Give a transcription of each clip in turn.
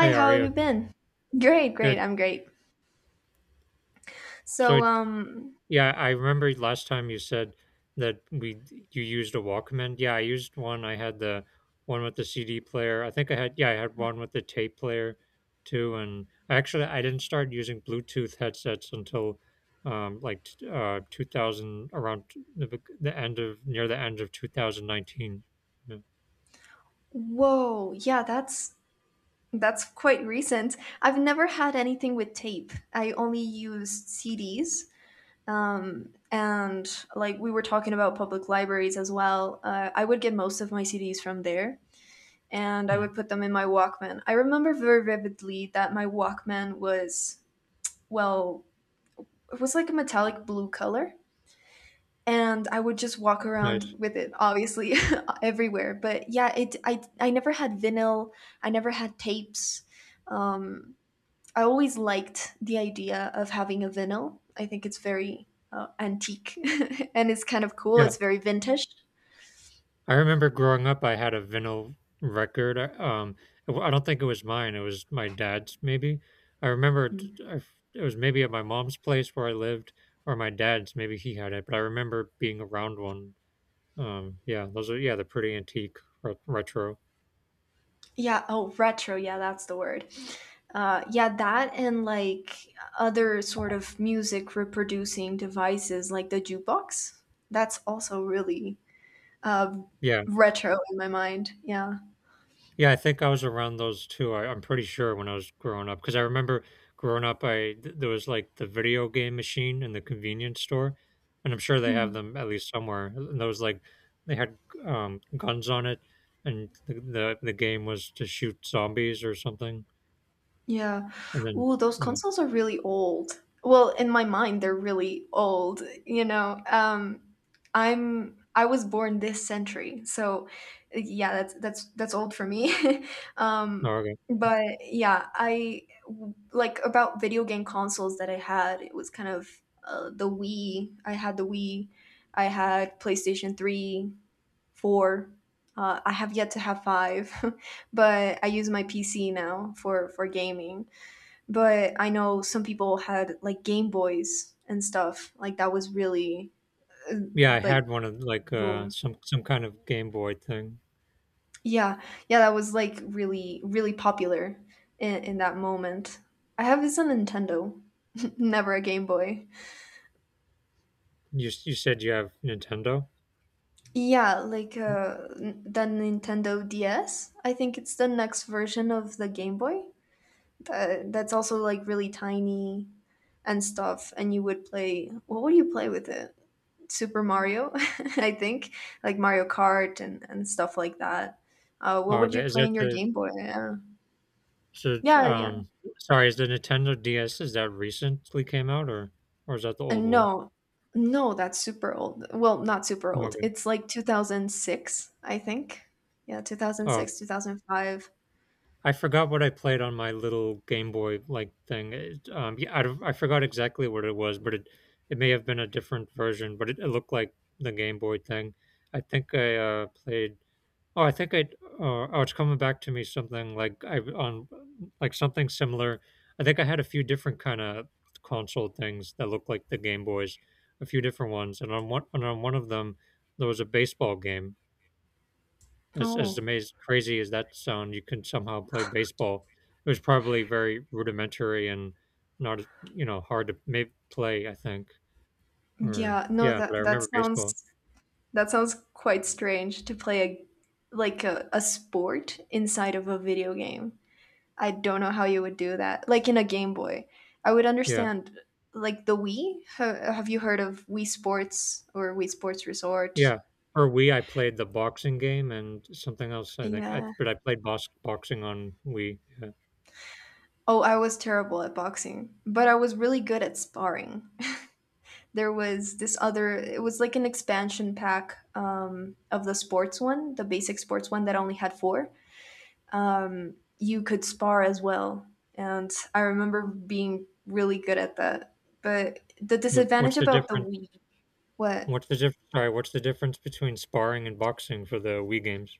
Hey, how are how have you you? been? Great, great. Good. I'm great. So, So, um, yeah, I remember last time you said that we you used a Walkman. Yeah, I used one. I had the one with the CD player. I think I had yeah, I had one with the tape player too. I didn't start using Bluetooth headsets until 2000, around the end of 2019. Yeah. Whoa, yeah, that's quite recent. I've never had anything with tape. I only used CDs. And like we were talking about public libraries as well. I would get most of my CDs from there, and I Mm. would put them in my Walkman. I remember very vividly that my Walkman was, well, it was like a metallic blue color and I would just walk Nice. around with it, obviously, everywhere. But yeah, it I never had vinyl. I never had tapes. Um, I always liked the idea of having a vinyl. I think it's very antique and it's kind of cool. Yeah. It's very vintage. I remember growing up, I had a vinyl record. I don't think it was mine. It was my dad's, maybe. I remember it, Mm. I f- It was maybe at my mom's place where I lived, or my dad's. Maybe he had it, but I remember being around one. They're pretty antique, retro. Yeah. Oh, retro. Yeah, that's the word. Yeah, that and like other sort of music reproducing devices like the jukebox. That's also really Um, Yeah, Retro in my mind, yeah. Yeah, I think I was around those two. I'm pretty sure when I was growing up, because I remember growing up, there was like the video game machine in the convenience store, and I'm sure they have Hmm, them at least somewhere. And those like they had guns on it, and the game was to shoot zombies or something. yeah. And then Ooh, those yeah, consoles are really old. Well, in my mind, they're really old, you know. I'm I was born this century, so yeah, that's old for me. no, um, okay, but yeah, I like about video game consoles that I had. It was kind of the Wii. I had the Wii. I had PlayStation Three. Four. I have yet to have five, but I use my PC now for gaming. But I know some people had like Game Boys and stuff. Like that was really uh, yeah, I like had one of boom. Some kind of Game Boy thing. Yeah, yeah, that was like really popular in that moment. I have is a Nintendo, never a Game Boy. You said you have Nintendo. Yeah, like the Nintendo DS. I think it's the next version of the Game Boy. That's also like really tiny and stuff and you would play. What would you play with it? Super Mario. I think like Mario Kart and stuff like that. What Oh, would you okay, is play that in your the Game Boy? Yeah, So, it's, yeah, yeah. um, sorry, is the Nintendo DS, is that recently came out, or is that the old and one? no No, that's super old. Well, not super old, Okay. it's like 2006 I think. Yeah, Oh, 2006, 2005. I forgot what I played on my little Game Boy like thing. It, yeah, I, don't- I forgot exactly what it was, but it may have been a different version, but it looked like the Game Boy thing. I think I played Oh, I think I. Oh, It's coming back to me something like I on like something similar. I think I had a few different kind of console things that looked like the Game Boys, a few different ones, and on one of them there was a baseball game. As Oh, amazing, crazy as that sound, you can somehow play baseball. It was probably very rudimentary and not, you know, hard to maybe play. I think or yeah. No, Yeah, but I that remember baseball. sounds, that sounds quite strange to play a like a sport inside of a video game. I don't know how you would do that. Like in a Game Boy, I would Yeah. understand. Like the Wii, have you heard of Wii Sports or Wii Sports Resort? Yeah. Or Wii, I played the boxing game and something else, I think. Yeah. I played boxing on Wii, yeah. Oh, I was terrible at boxing, but I was really good at sparring. There was this other, it was like an expansion pack of the sports one, the basic sports one that only had four. You could spar as well. And I remember being really good at that. But the What what's disadvantage the about the difference Wii, what? what's the diff Sorry, what's the difference between sparring and boxing for the Wii games?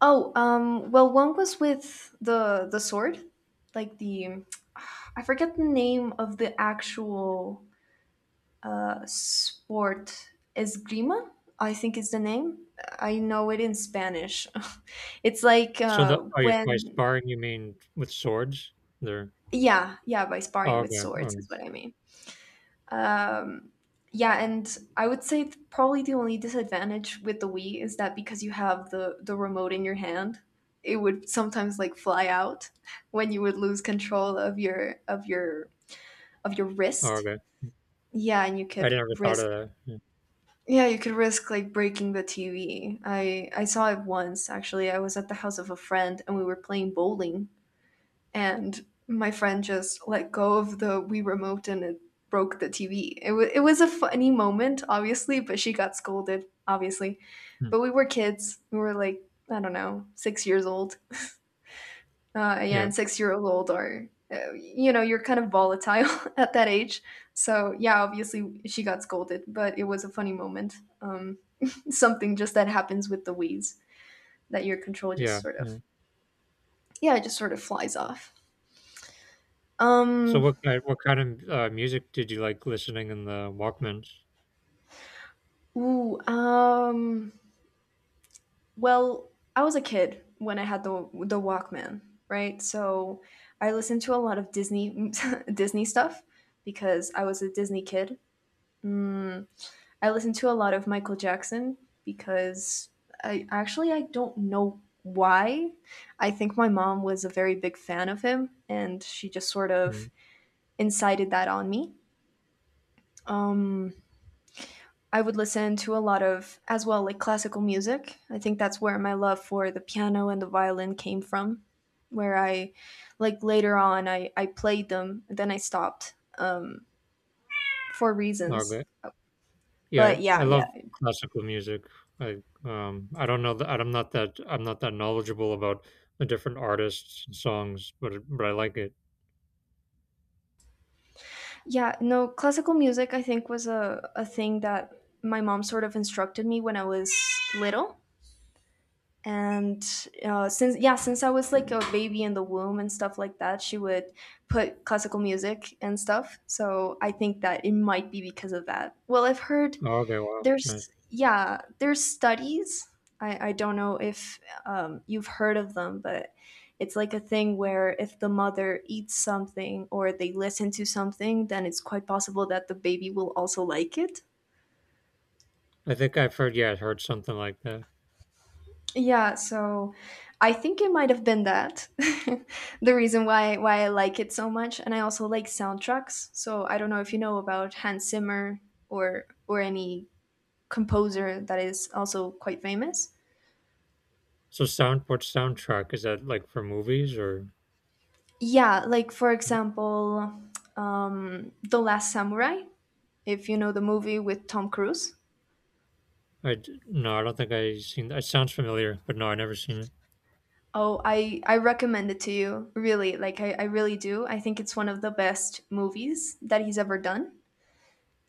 Oh, well, one was with the sword, like the I forget the name of the actual sport. Esgrima, I think is the name. I know it in Spanish. it's like uh, You, by when, sparring, you mean with swords? They're yeah, yeah, by Oh, sparring with okay. swords Oh, is what I mean. Um, yeah, and I would say probably the only disadvantage with the Wii is that because you have the remote in your hand, it would sometimes like fly out when you would lose control of your oh, wrist. okay. Yeah, and you I could never thought risk of that. Yeah. yeah, you could risk like breaking the TV. I saw it once actually. I was at the house of a friend and we were playing bowling and my friend just let go of the Wii remote and it broke the TV. It, wa it was a funny moment, obviously, but she got scolded, obviously. Hmm. But we were kids. We were like, I don't know, six years old. Yeah, Yeah. and six-year-old are, you know, you're kind of volatile at that age. So, yeah, obviously she got scolded, but it was a funny moment. Um, Something just that happens with the Wii's that your control just Yeah, sort yeah. of, yeah, it just sort of flies off. Um, What kind of, music did you like listening in the Walkmans? Ooh, well, I was a kid when I had the Walkman, right? So I listened to a lot of Disney Disney stuff because I was a Disney kid. Mm, I listened to a lot of Michael Jackson because I don't know why. I think my mom was a very big fan of him, and she just sort of Mm. incited that on me. Um, I would listen to a lot of, as well, like classical music. I think that's where my love for the piano and the violin came from, where I, like later on, I played them, then I stopped for reasons. Okay. Yeah, But I yeah, yeah. love classical music. I I don't know that I'm not that knowledgeable about the different artists and songs, but I like it. Yeah, no, classical music I think was a thing that my mom sort of instructed me when I was little. And Since yeah since I was like a baby in the womb and stuff like that she would put classical music and stuff, so I think that it might be because of that. Well I've heard Oh, okay, wow. Nice. there's Yeah, there's studies. I don't know if you've heard of them, but it's like a thing where if the mother eats something or they listen to something then it's quite possible that the baby will also like it. I think I've heard yeah, I've heard something like that. Yeah, so I think it might have been that. The reason why I like it so much, and I also like soundtracks. So I don't know if you know about Hans Zimmer or any composer that is also quite famous. Soundtrack, is that like for movies or Yeah, like for example, The Last Samurai. If you know the movie with Tom Cruise, No, I don't think I seen that. It sounds familiar, but no, I never seen it. oh, I recommend it to you. Really, like I really do. I think it's one of the best movies that he's ever done,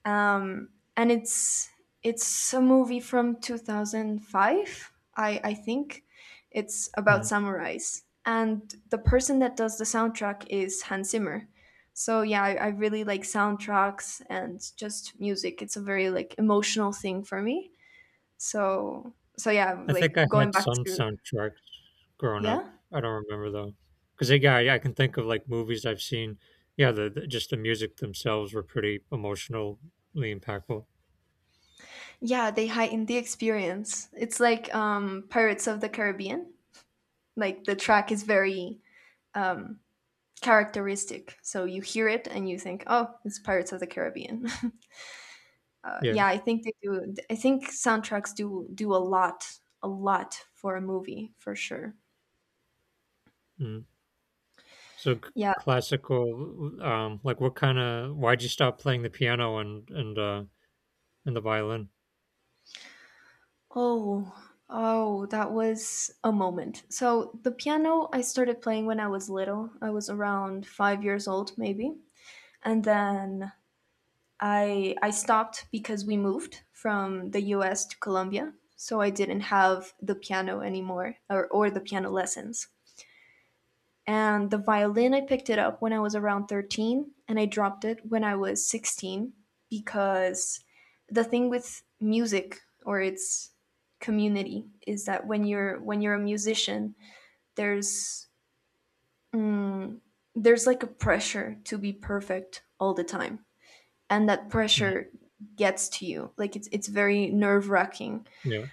um, and it's a movie from 2005 I think. It's about Hmm. samurais and the person that does the soundtrack is Hans Zimmer. So yeah, I really like soundtracks and just music, it's a very like emotional thing for me. So so yeah I like think I going had back some to. soundtracks growing up. Yeah, I don't remember though, because yeah, I can think of like movies I've seen. Yeah, the music themselves were pretty emotionally impactful. yeah, they heighten the experience, it's like Pirates of the Caribbean, like the track is very um characteristic. So you hear it and you think, "Oh, it's Pirates of the Caribbean." Yeah. Yeah, I think they do. I think soundtracks do do a lot for a movie for sure. Mm. Yeah. Classical, like what kind of? Why'd you stop playing the piano and and the violin? Oh, oh, that was a moment. So the piano I started playing when I was little. I was around five years old, maybe, and then I stopped because we moved from the U.S. to Colombia. So I didn't have the piano anymore, or the piano lessons. And the violin, I picked it up when I was around 13 and I dropped it when I was 16 because the thing with music or its community is that when you're a musician, there's there's like a pressure to be perfect all the time. And that Mhm. pressure gets to you. Like it's very nerve-wracking. Yeah,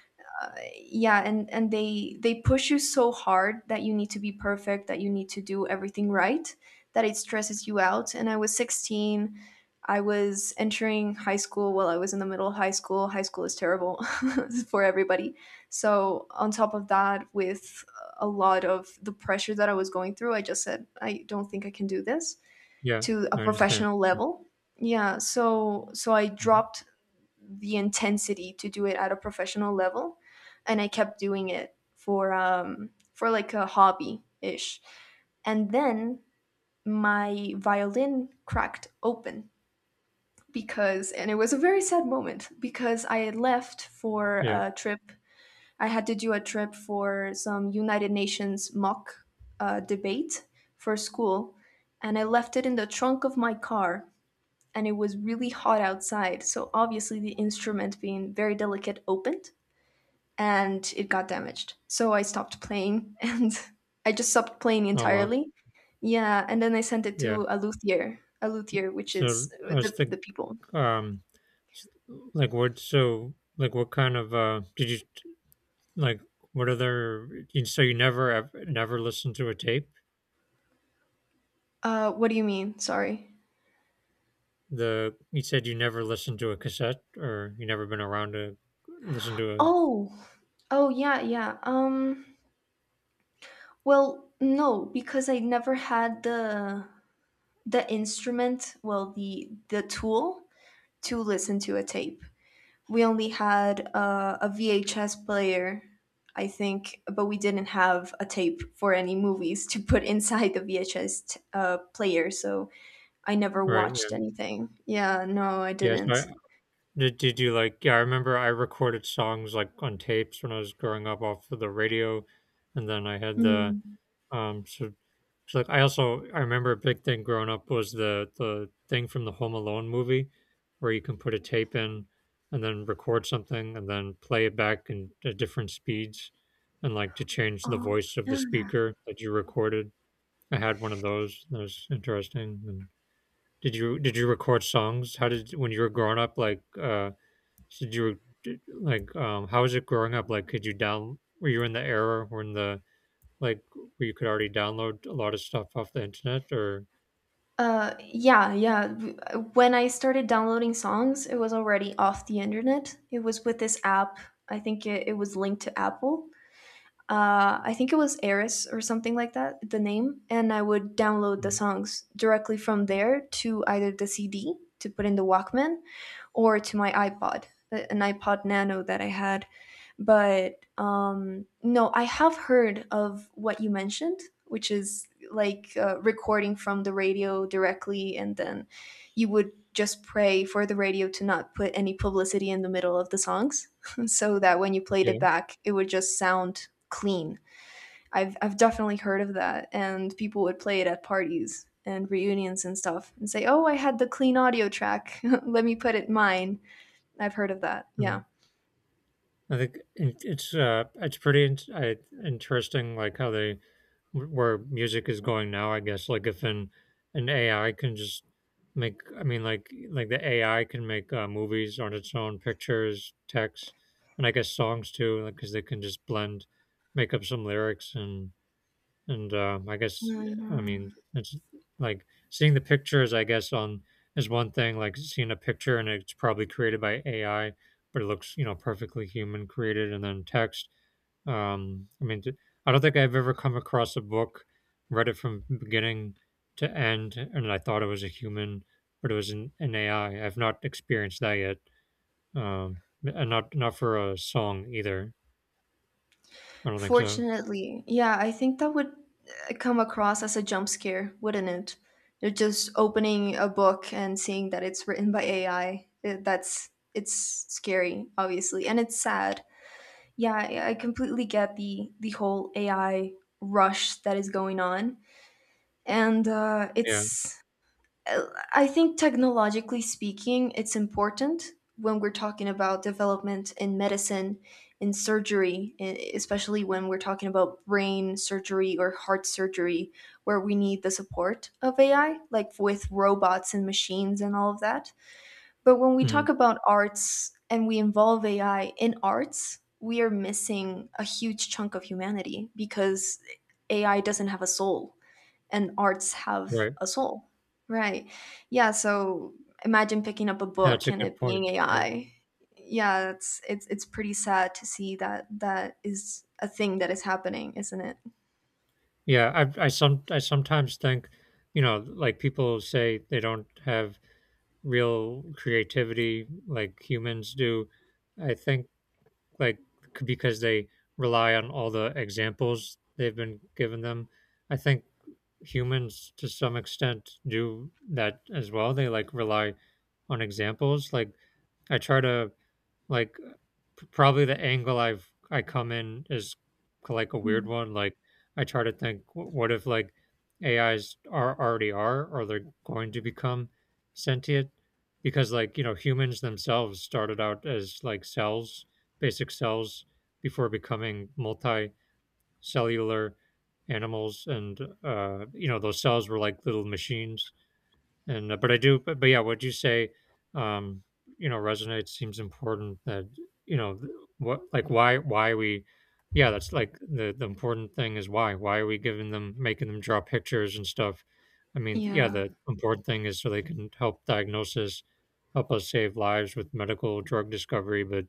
Yeah, and they push you so hard that you need to be perfect, that you need to do everything right, that it stresses you out. And I was 16, I was entering high school while I was in the middle of high school. High school is terrible for everybody. So on top of that with a lot of the pressure that I was going through, I just said, I don't think I can do this yeah, to I a understand. professional level. Yeah, so so I Mhm. dropped the intensity to do it at a professional level and I kept doing it for like a hobby ish and then my violin cracked open because, and it was a very sad moment because I had left for Yeah. a trip. I had to do a trip for some United Nations mock debate for school, and I left it in the trunk of my car and it was really hot outside. So obviously the instrument being very delicate opened and it got damaged. So I stopped playing and I just stopped playing Oh wow. entirely. Yeah, and then I sent it Yeah. to a luthier which is So I was think the people. um, s- like what? So like What kind of did you? Like, what other you so you never listened to a tape? What do you mean? Sorry. The You said you never listened to a cassette, or you never been around to listen to a Oh. Oh yeah, yeah. Well, no, because I never had the instrument, well the tool to listen to a tape. We only had a VHS player, I think, but we didn't have a tape for any movies to put inside the VHS player, so I never Right, watched yeah. anything. Yeah, no, I Yeah, so I didn't. Did you, like yeah, I remember I recorded songs, like, on tapes when I was growing up off of the radio, and then I had the Hmm. Um, so, so like I also, I remember a big thing growing up was the thing from the Home Alone movie where you can put a tape in and then record something and then play it back in at different speeds and like to change the Oh, voice of the yeah. speaker that you recorded. I had one of those. That was interesting. And did you record songs? How did When you were growing up, like, like how was it growing up? Like, could you down? Were you in the era, or in the like, where you could already download a lot of stuff off the internet or Yeah. When I started downloading songs, it was already off the internet. It was with this app. I think it was linked to Apple, I think it was Eris or something like that, the name, and I would download the Mhm. songs directly from there to either the CD to put in the Walkman or to my iPod, an iPod Nano that I had. But no, I have heard of what you mentioned, which is like recording from the radio directly, and then you would just pray for the radio to not put any publicity in the middle of the songs so that when you played it Yeah, back, it would just sound clean. I've definitely heard of that, and people would play it at parties and reunions and stuff, and say, "Oh, I had the clean audio track. Let me put it mine." I've heard of that. Yeah. mhm. I think it It's, it's pretty interesting, like, how they wh where music is going now, I guess, like, if an AI can just make I mean, like, the AI can make, movies on its own, pictures, text, and I guess songs too, like because they can just blend make up some lyrics and I guess No, I I know. mean it's like seeing the pictures, I guess, on is one thing, like seeing a picture and it's probably created by AI, but it looks, you know, perfectly human created, and then text. Um, I mean, d- I don't think I've ever come across a book, read it from beginning to end, and I thought it was a human, but it was an AI. I've not experienced that yet, and not for a song either. I don't think so. Fortunately, yeah, I think that would come across as a jump scare, wouldn't it? You're just opening a book and seeing that it's written by AI. That's It's scary, obviously, and it's sad. Yeah, I completely get the whole AI rush that is going on, and Yeah. it's uh, I think technologically speaking, it's important when we're talking about development in medicine, in surgery, especially when we're talking about brain surgery or heart surgery, where we need the support of AI, like with robots and machines and all of that. But when we Mhm. talk about arts and we involve AI in arts, we are missing a huge chunk of humanity, because AI doesn't have a soul, and arts have Right. a soul. Right. Yeah, so imagine picking up a That's book a and good it point. being Yeah. AI. Yeah, it's pretty sad to see that that is a thing that is happening, isn't it? Yeah, I some I sometimes think, you know, like people say they don't have real creativity like humans do. I think like because they rely on all the examples they've been given them. I think humans to some extent do that as well. They like rely on examples. Like I try to like, probably the angle I've I come in is k like a weird Mm. one, like, I try to think, "W "what if, like, AIs are or they're going to become sentient?" Because, like, you know, humans themselves started out as, like, cells, basic cells, before becoming multicellular animals, and, you know, those cells were like little machines and but I do, but yeah, what you say um you know resonates, seems important that you know th- what like why we yeah that's like the important thing is, why are we giving them, making them draw pictures and stuff? I mean yeah, Yeah. the important thing is so they can help diagnosis, help us save lives with medical drug discovery, but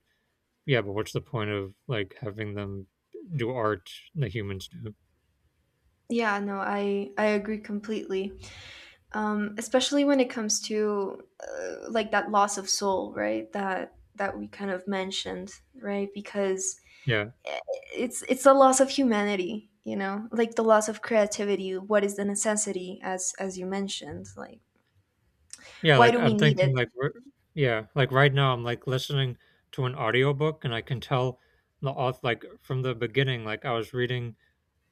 yeah, but what's the point of like having them do art the humans do? Yeah, no, I agree completely. Um, especially when it comes to like that loss of soul, right? That that we kind of mentioned, right? Because Yeah. it's a loss of humanity, you know, like the loss of creativity. What is the necessity, as you mentioned, like Yeah, why like do we I'm need thinking it? like r Yeah, like right now I'm like listening to an audiobook and I can tell the auth like from the beginning, like I was reading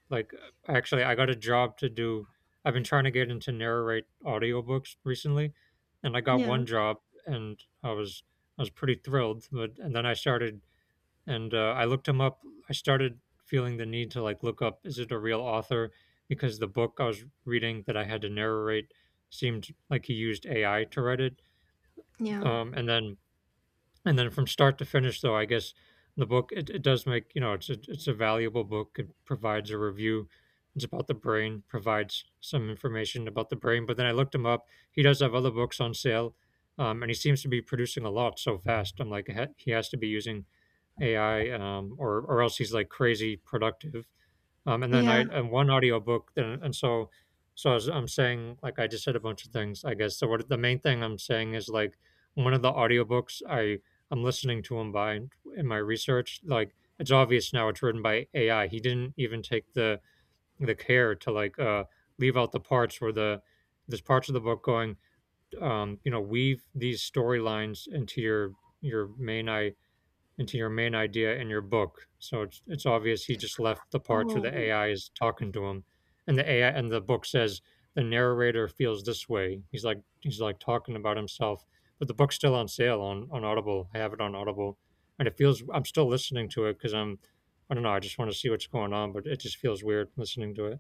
like actually I got a job to do. I've been trying to get into narrate audiobooks recently and I got Yeah, one job and I was pretty thrilled, but and then I started and I looked him up. I started feeling the need to like look up, is it a real author, because the book I was reading that I had to narrate seemed like he used AI to write it, yeah, um, and then and then from start to finish, though, I guess, the it does make, you know, it's a valuable book, it provides a review, it's about the brain, provides some information about the brain, but then I looked him up, he does have other books on sale, and he seems to be producing a lot so fast, I'm like, he has to be using AI, or else he's like crazy productive, and then I yeah. and one audiobook, and so so as I'm saying, like I just said a bunch of things, I guess. So what the main thing I'm saying is like one of the audiobooks I'm listening to him by in my research, like it's obvious now it's written by AI. He didn't even take the care to like leave out the parts where there's parts of the book going, you know, weave these storylines into your main I into your main idea in your book. So it's obvious he just left the parts where the Oh AI is talking to him, and the AI, and the book says the narrator feels this way. He's like, he's like talking about himself, but the book's still on sale on Audible. I have it on Audible, and it feels I'm still listening to it because I'm I don't know. I just want to see what's going on, but it just feels weird listening to it.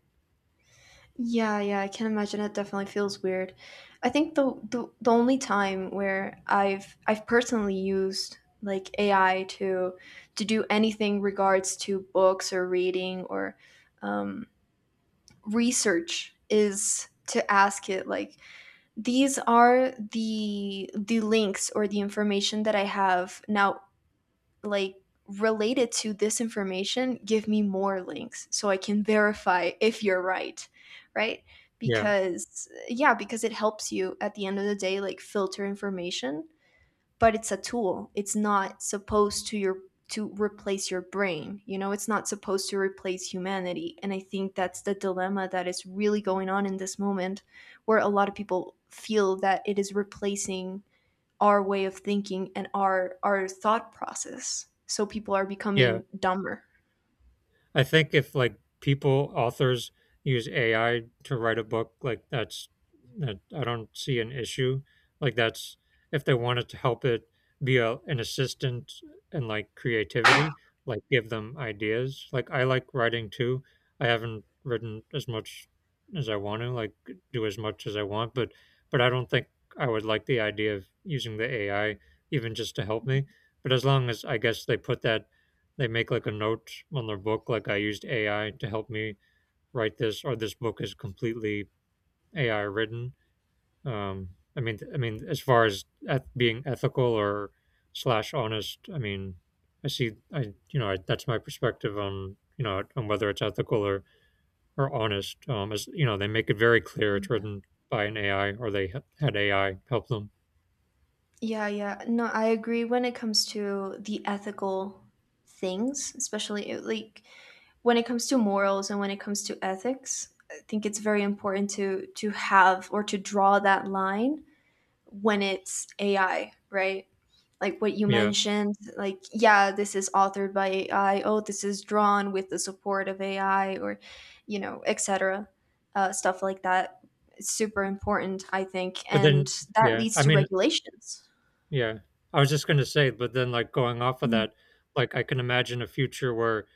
yeah, yeah, I can imagine it definitely feels weird. I think the only time where I've personally used like AI to do anything regards to books or reading or um research is to ask it like, these are the links or the information that I have now, like related to this information, give me more links so I can verify if you're right, right? Yeah, Because yeah, because it helps you at the end of the day, like filter information. But it's a tool. It's not supposed to your to replace your brain. You know, it's not supposed to replace humanity. And I think that's the dilemma that is really going on in this moment, where a lot of people feel that it is replacing our way of thinking and our thought process. So people are yeah. becoming dumber. I think if like people authors use AI to write a book, like that I don't see an issue. Like that's if they wanted to help it be an assistant and like creativity, like give them ideas. Like I like writing too. I haven't written as much as I want to, like do as much as I want, but I don't think I would like the idea of using the AI even just to help me. But as long as, I guess, they put that they make like a note on their book, like, I used ai to help me write this, or this book is completely ai written. Um i mean i mean as far as being ethical or slash honest, I mean I see I you know I, that's my perspective on on whether it's ethical or honest. As you know, they make it very clear it's written by an ai, or they had ai help them. Yeah, yeah. No, I agree when it comes to the ethical things, especially like when it comes to morals and when it comes to ethics, I think it's very important to have or to draw that line when it's AI, right? Like what you Yeah, mentioned, like yeah, this is authored by AI. Oh, this is drawn with the support of AI, or you know, etc. Stuff like that. It's super important, I think, but and then, that yeah, leads I to mean, regulations. yeah. I was just gonna say, but then, like, going off of Mm. that, like, I can imagine a future where,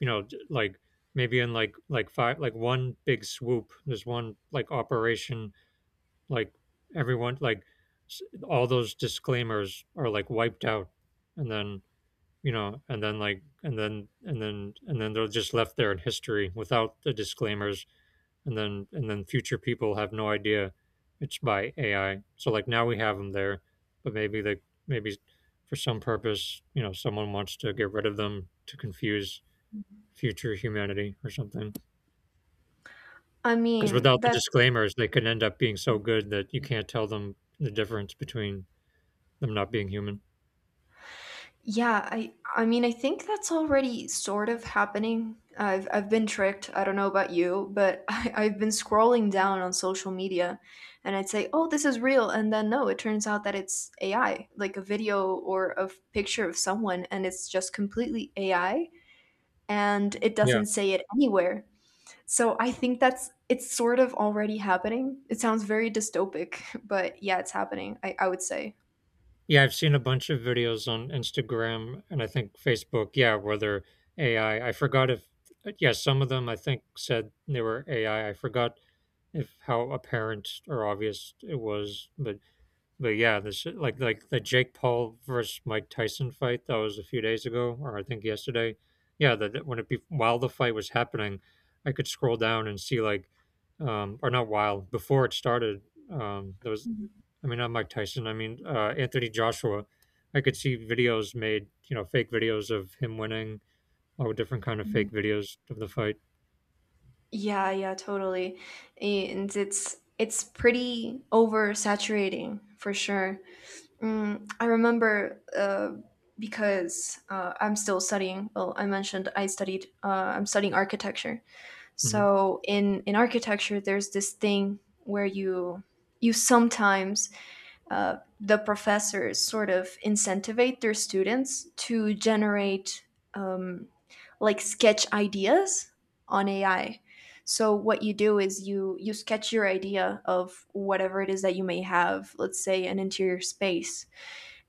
you know, j like, maybe in, like, 5 like, one big swoop, there's one, like, operation, like, everyone like, s all those disclaimers are, like, wiped out, and then, and then, they're just left there in history without the disclaimers, and then future people have no idea it's by AI. So like now we have them there, but maybe for some purpose, you know, someone wants to get rid of them to confuse future humanity or something. I Because mean, without the that's disclaimers, they could end up being so good that you can't tell them the difference between them not being human. Yeah, I mean, I think that's already sort of happening. I've been tricked. I don't know about you, but I've been scrolling down on social media and I'd say, "Oh, this is real." And then no, it turns out that it's AI, like a video or a picture of someone and it's just completely AI, and it Yeah. doesn't say it anywhere. So I think that's it's sort of already happening. It sounds very dystopic, but yeah, it's happening. I would say. Yeah, I've seen a bunch of videos on Instagram and I think Facebook, yeah, where they're AI. I forgot if, yeah, some of them I think said they were AI. I forgot if how apparent or obvious it was. but yeah, this like the Jake Paul versus Mike Tyson fight that was a few days ago, or I think yesterday. Yeah, that, when it be while the fight was happening, I could scroll down and see like, or not while before it started. There was I mean, not Mike Tyson. I mean, Anthony Joshua. I could see videos made, fake videos of him winning, all different kind of fake Mhm. videos of the fight. Yeah, yeah, totally. And it's pretty oversaturating for sure. Mm, I remember because I'm still studying. Well, I mentioned I studied. I'm studying architecture. Hmm. So in architecture, there's this thing where you sometimes the professors sort of incentivate their students to generate um, like sketch ideas on AI. So what you do is you you sketch your idea of whatever it is that you may have, let's say an interior space,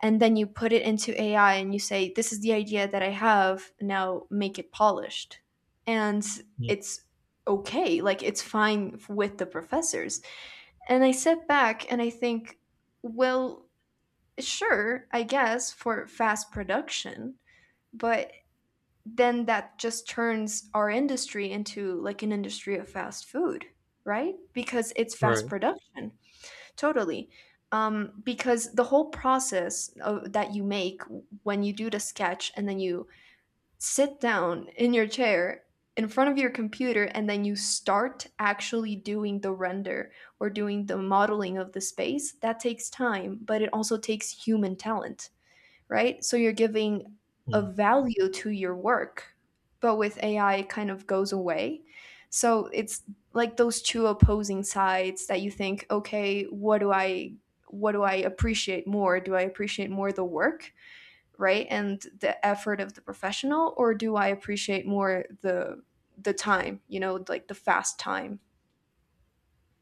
and then you put it into AI and you say, this is the idea that I have, now make it polished. And it's okay, like it's fine with the professors. And I sit back and I think, well, sure, I guess for fast production, but then that just turns our industry into like an industry of fast food, right? Because it's fast Right. production. Totally. Because the whole process of, that you make when you do the sketch and then you sit down in your chair in front of your computer and then you start actually doing the render or doing the modeling of the space, that takes time, but it also takes human talent, right? So you're giving a Mhm. value to your work, but with AI, it kind of goes away. So it's like those two opposing sides that you think, okay, what do I appreciate more? Do I appreciate more the work, right? And the effort of the professional, or do I appreciate more the time, you know, like the fast time?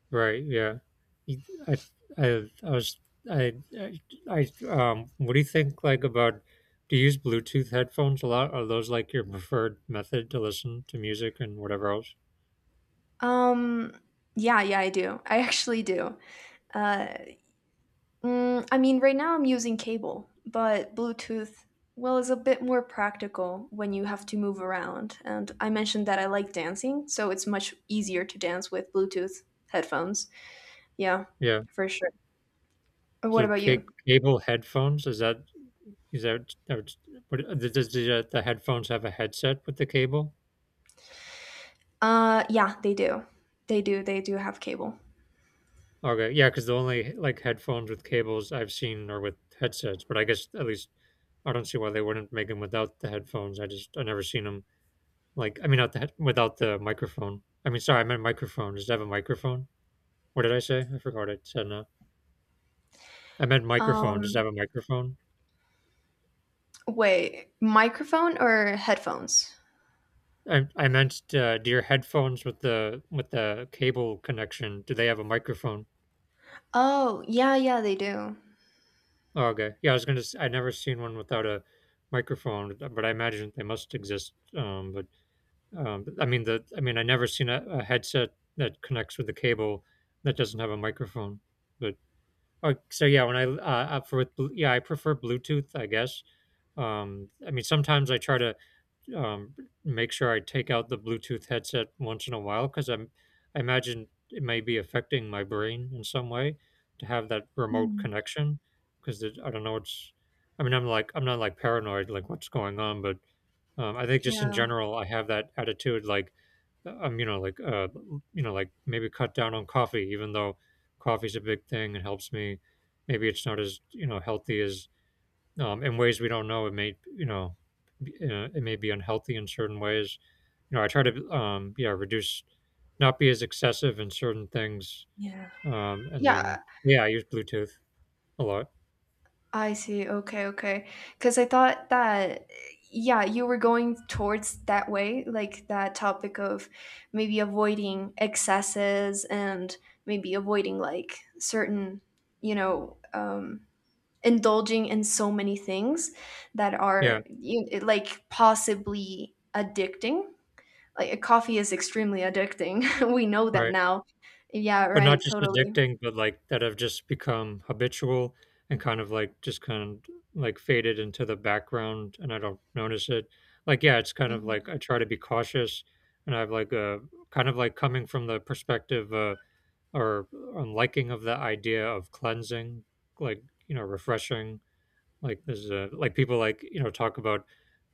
Right. Yeah. You- I, I, I was, I, I, what do you think, like, about, do you use Bluetooth headphones a lot? Are those like your preferred method to listen to music and whatever else? Um, yeah, yeah, I do. I actually do. Uh Mm, I mean, right now I'm using cable, but Bluetooth, well, is a bit more practical when you have to move around. And I mentioned that I like dancing, so it's much easier to dance with Bluetooth headphones. Yeah, Yeah. for sure. What So about you? cable headphones, is is that, are- what, does the headphones have a headset with the cable? Yeah, they do. They do. They do have cable. Okay. Yeah. Cause the only like headphones with cables I've seen are with headsets, but I guess at least I don't see why they wouldn't make them without the headphones. I never seen them. Like, I mean, not the, without the microphone. I mean, sorry, I meant microphone. Does it have a microphone? What did I say? I forgot what I said now. I meant microphone. Does it Um, have a microphone? wait, microphone or headphones? I meant, do your headphones with the cable connection, do they have a microphone? Oh, yeah, yeah, they do. Oh, okay. Yeah, I was gonna. I never seen one without a microphone, but I imagine they must exist. But, I mean the. I mean, I never seen a headset that connects with the cable that doesn't have a microphone. but so yeah, when I for with Blu- yeah, I prefer Bluetooth, I guess. I mean, sometimes I try to um, make sure I take out the Bluetooth headset once in a while because I imagine it may be affecting my brain in some way to have that remote Hmm. connection, because I don't know it's. I mean, I'm like, I'm not like paranoid like what's going on, but I think just in Yeah, general, I have that attitude like, you know, like, you know, like maybe cut down on coffee, even though coffee's a big thing and helps me. Maybe it's not, as you know, healthy as, in ways we don't know. It may, you know, it may be unhealthy in certain ways. You know, I try to, yeah, reduce, not be as excessive in certain things. yeah. And Yeah, then yeah, I use Bluetooth a lot. I see. Okay, okay. Because I thought that, yeah, you were going towards that way, like that topic of maybe avoiding excesses and maybe avoiding like certain, you know, indulging in so many things that Yeah, are you, like possibly addicting. Like coffee is extremely addicting. We know that right. now. Yeah, But not right. just Totally. addicting, but, like, that have just become habitual and kind of, like, just kind of, like, faded into the background and I don't notice it. Like, yeah, it's kind of Yeah. like I try to be cautious, and I've, like, a kind of, like, coming from the perspective, or, liking of the idea of cleansing, like, you know, refreshing. Like there's a, like people like, you know, talk about.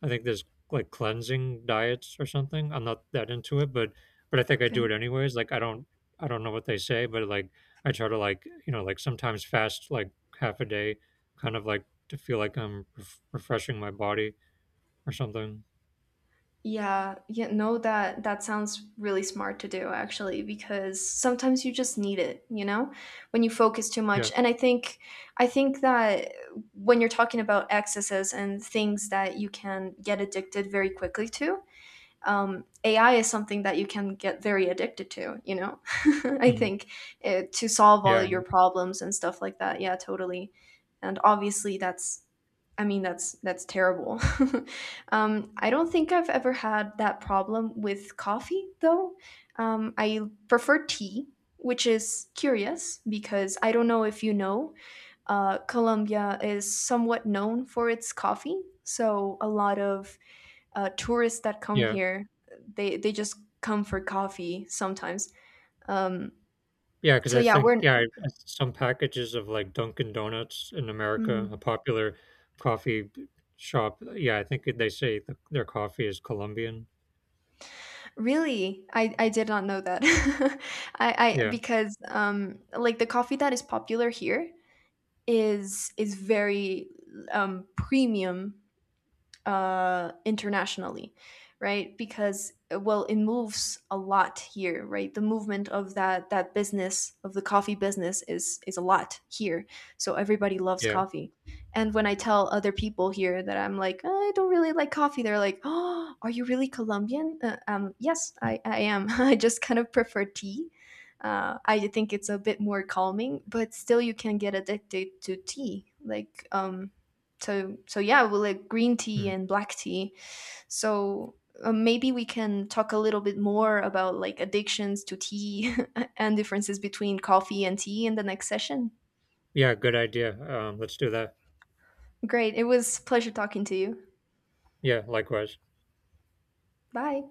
I think there's like cleansing diets or something. I'm not that into it, but I think I do it Okay. anyways. Like I don't know what they say, but like I try to, like, you know, like sometimes fast, like half a day, kind of like, to feel like I'm refreshing my body or something. Yeah, yeah, no, that that sounds really smart to do actually, because sometimes you just need it, you know, when you focus too Yeah. much. And I think that when you're talking about excesses and things that you can get addicted very quickly to, AI is something that you can get very addicted to, you know? I Mhm. think to solve all Yeah, of your problems and stuff like that. Yeah, totally. And obviously, I mean, that's terrible. Um, I don't think I've ever had that problem with coffee, though. I prefer tea, which is curious because I don't know if you know, Colombia is somewhat known for its coffee. So a lot of tourists that come yeah. here, they just come for coffee sometimes. Um Yeah, because so I yeah think, we're yeah, some packages of, like, Dunkin' Donuts in America, a Mm, popular coffee b shop, yeah, I think they say th their coffee is Colombian. really? I did not know that. I Yeah, because like the coffee that is popular here is very premium internationally, right? Because well, it moves a lot here, right? The movement of that business of the coffee business is a lot here, so everybody loves yeah. coffee. And when I tell other people here that I'm like, "Oh, I don't really like coffee," they're like, "Oh, are you really Colombian?" Yes, Mm, I am. I just kind of prefer tea. I think it's a bit more calming, but still, you can get addicted to tea. Like, so so yeah, we like green tea mm. and black tea, so maybe we can talk a little bit more about like addictions to tea and differences between coffee and tea in the next session. Yeah, good idea, let's do that. Great, it was a pleasure talking to you. Yeah, likewise. Bye.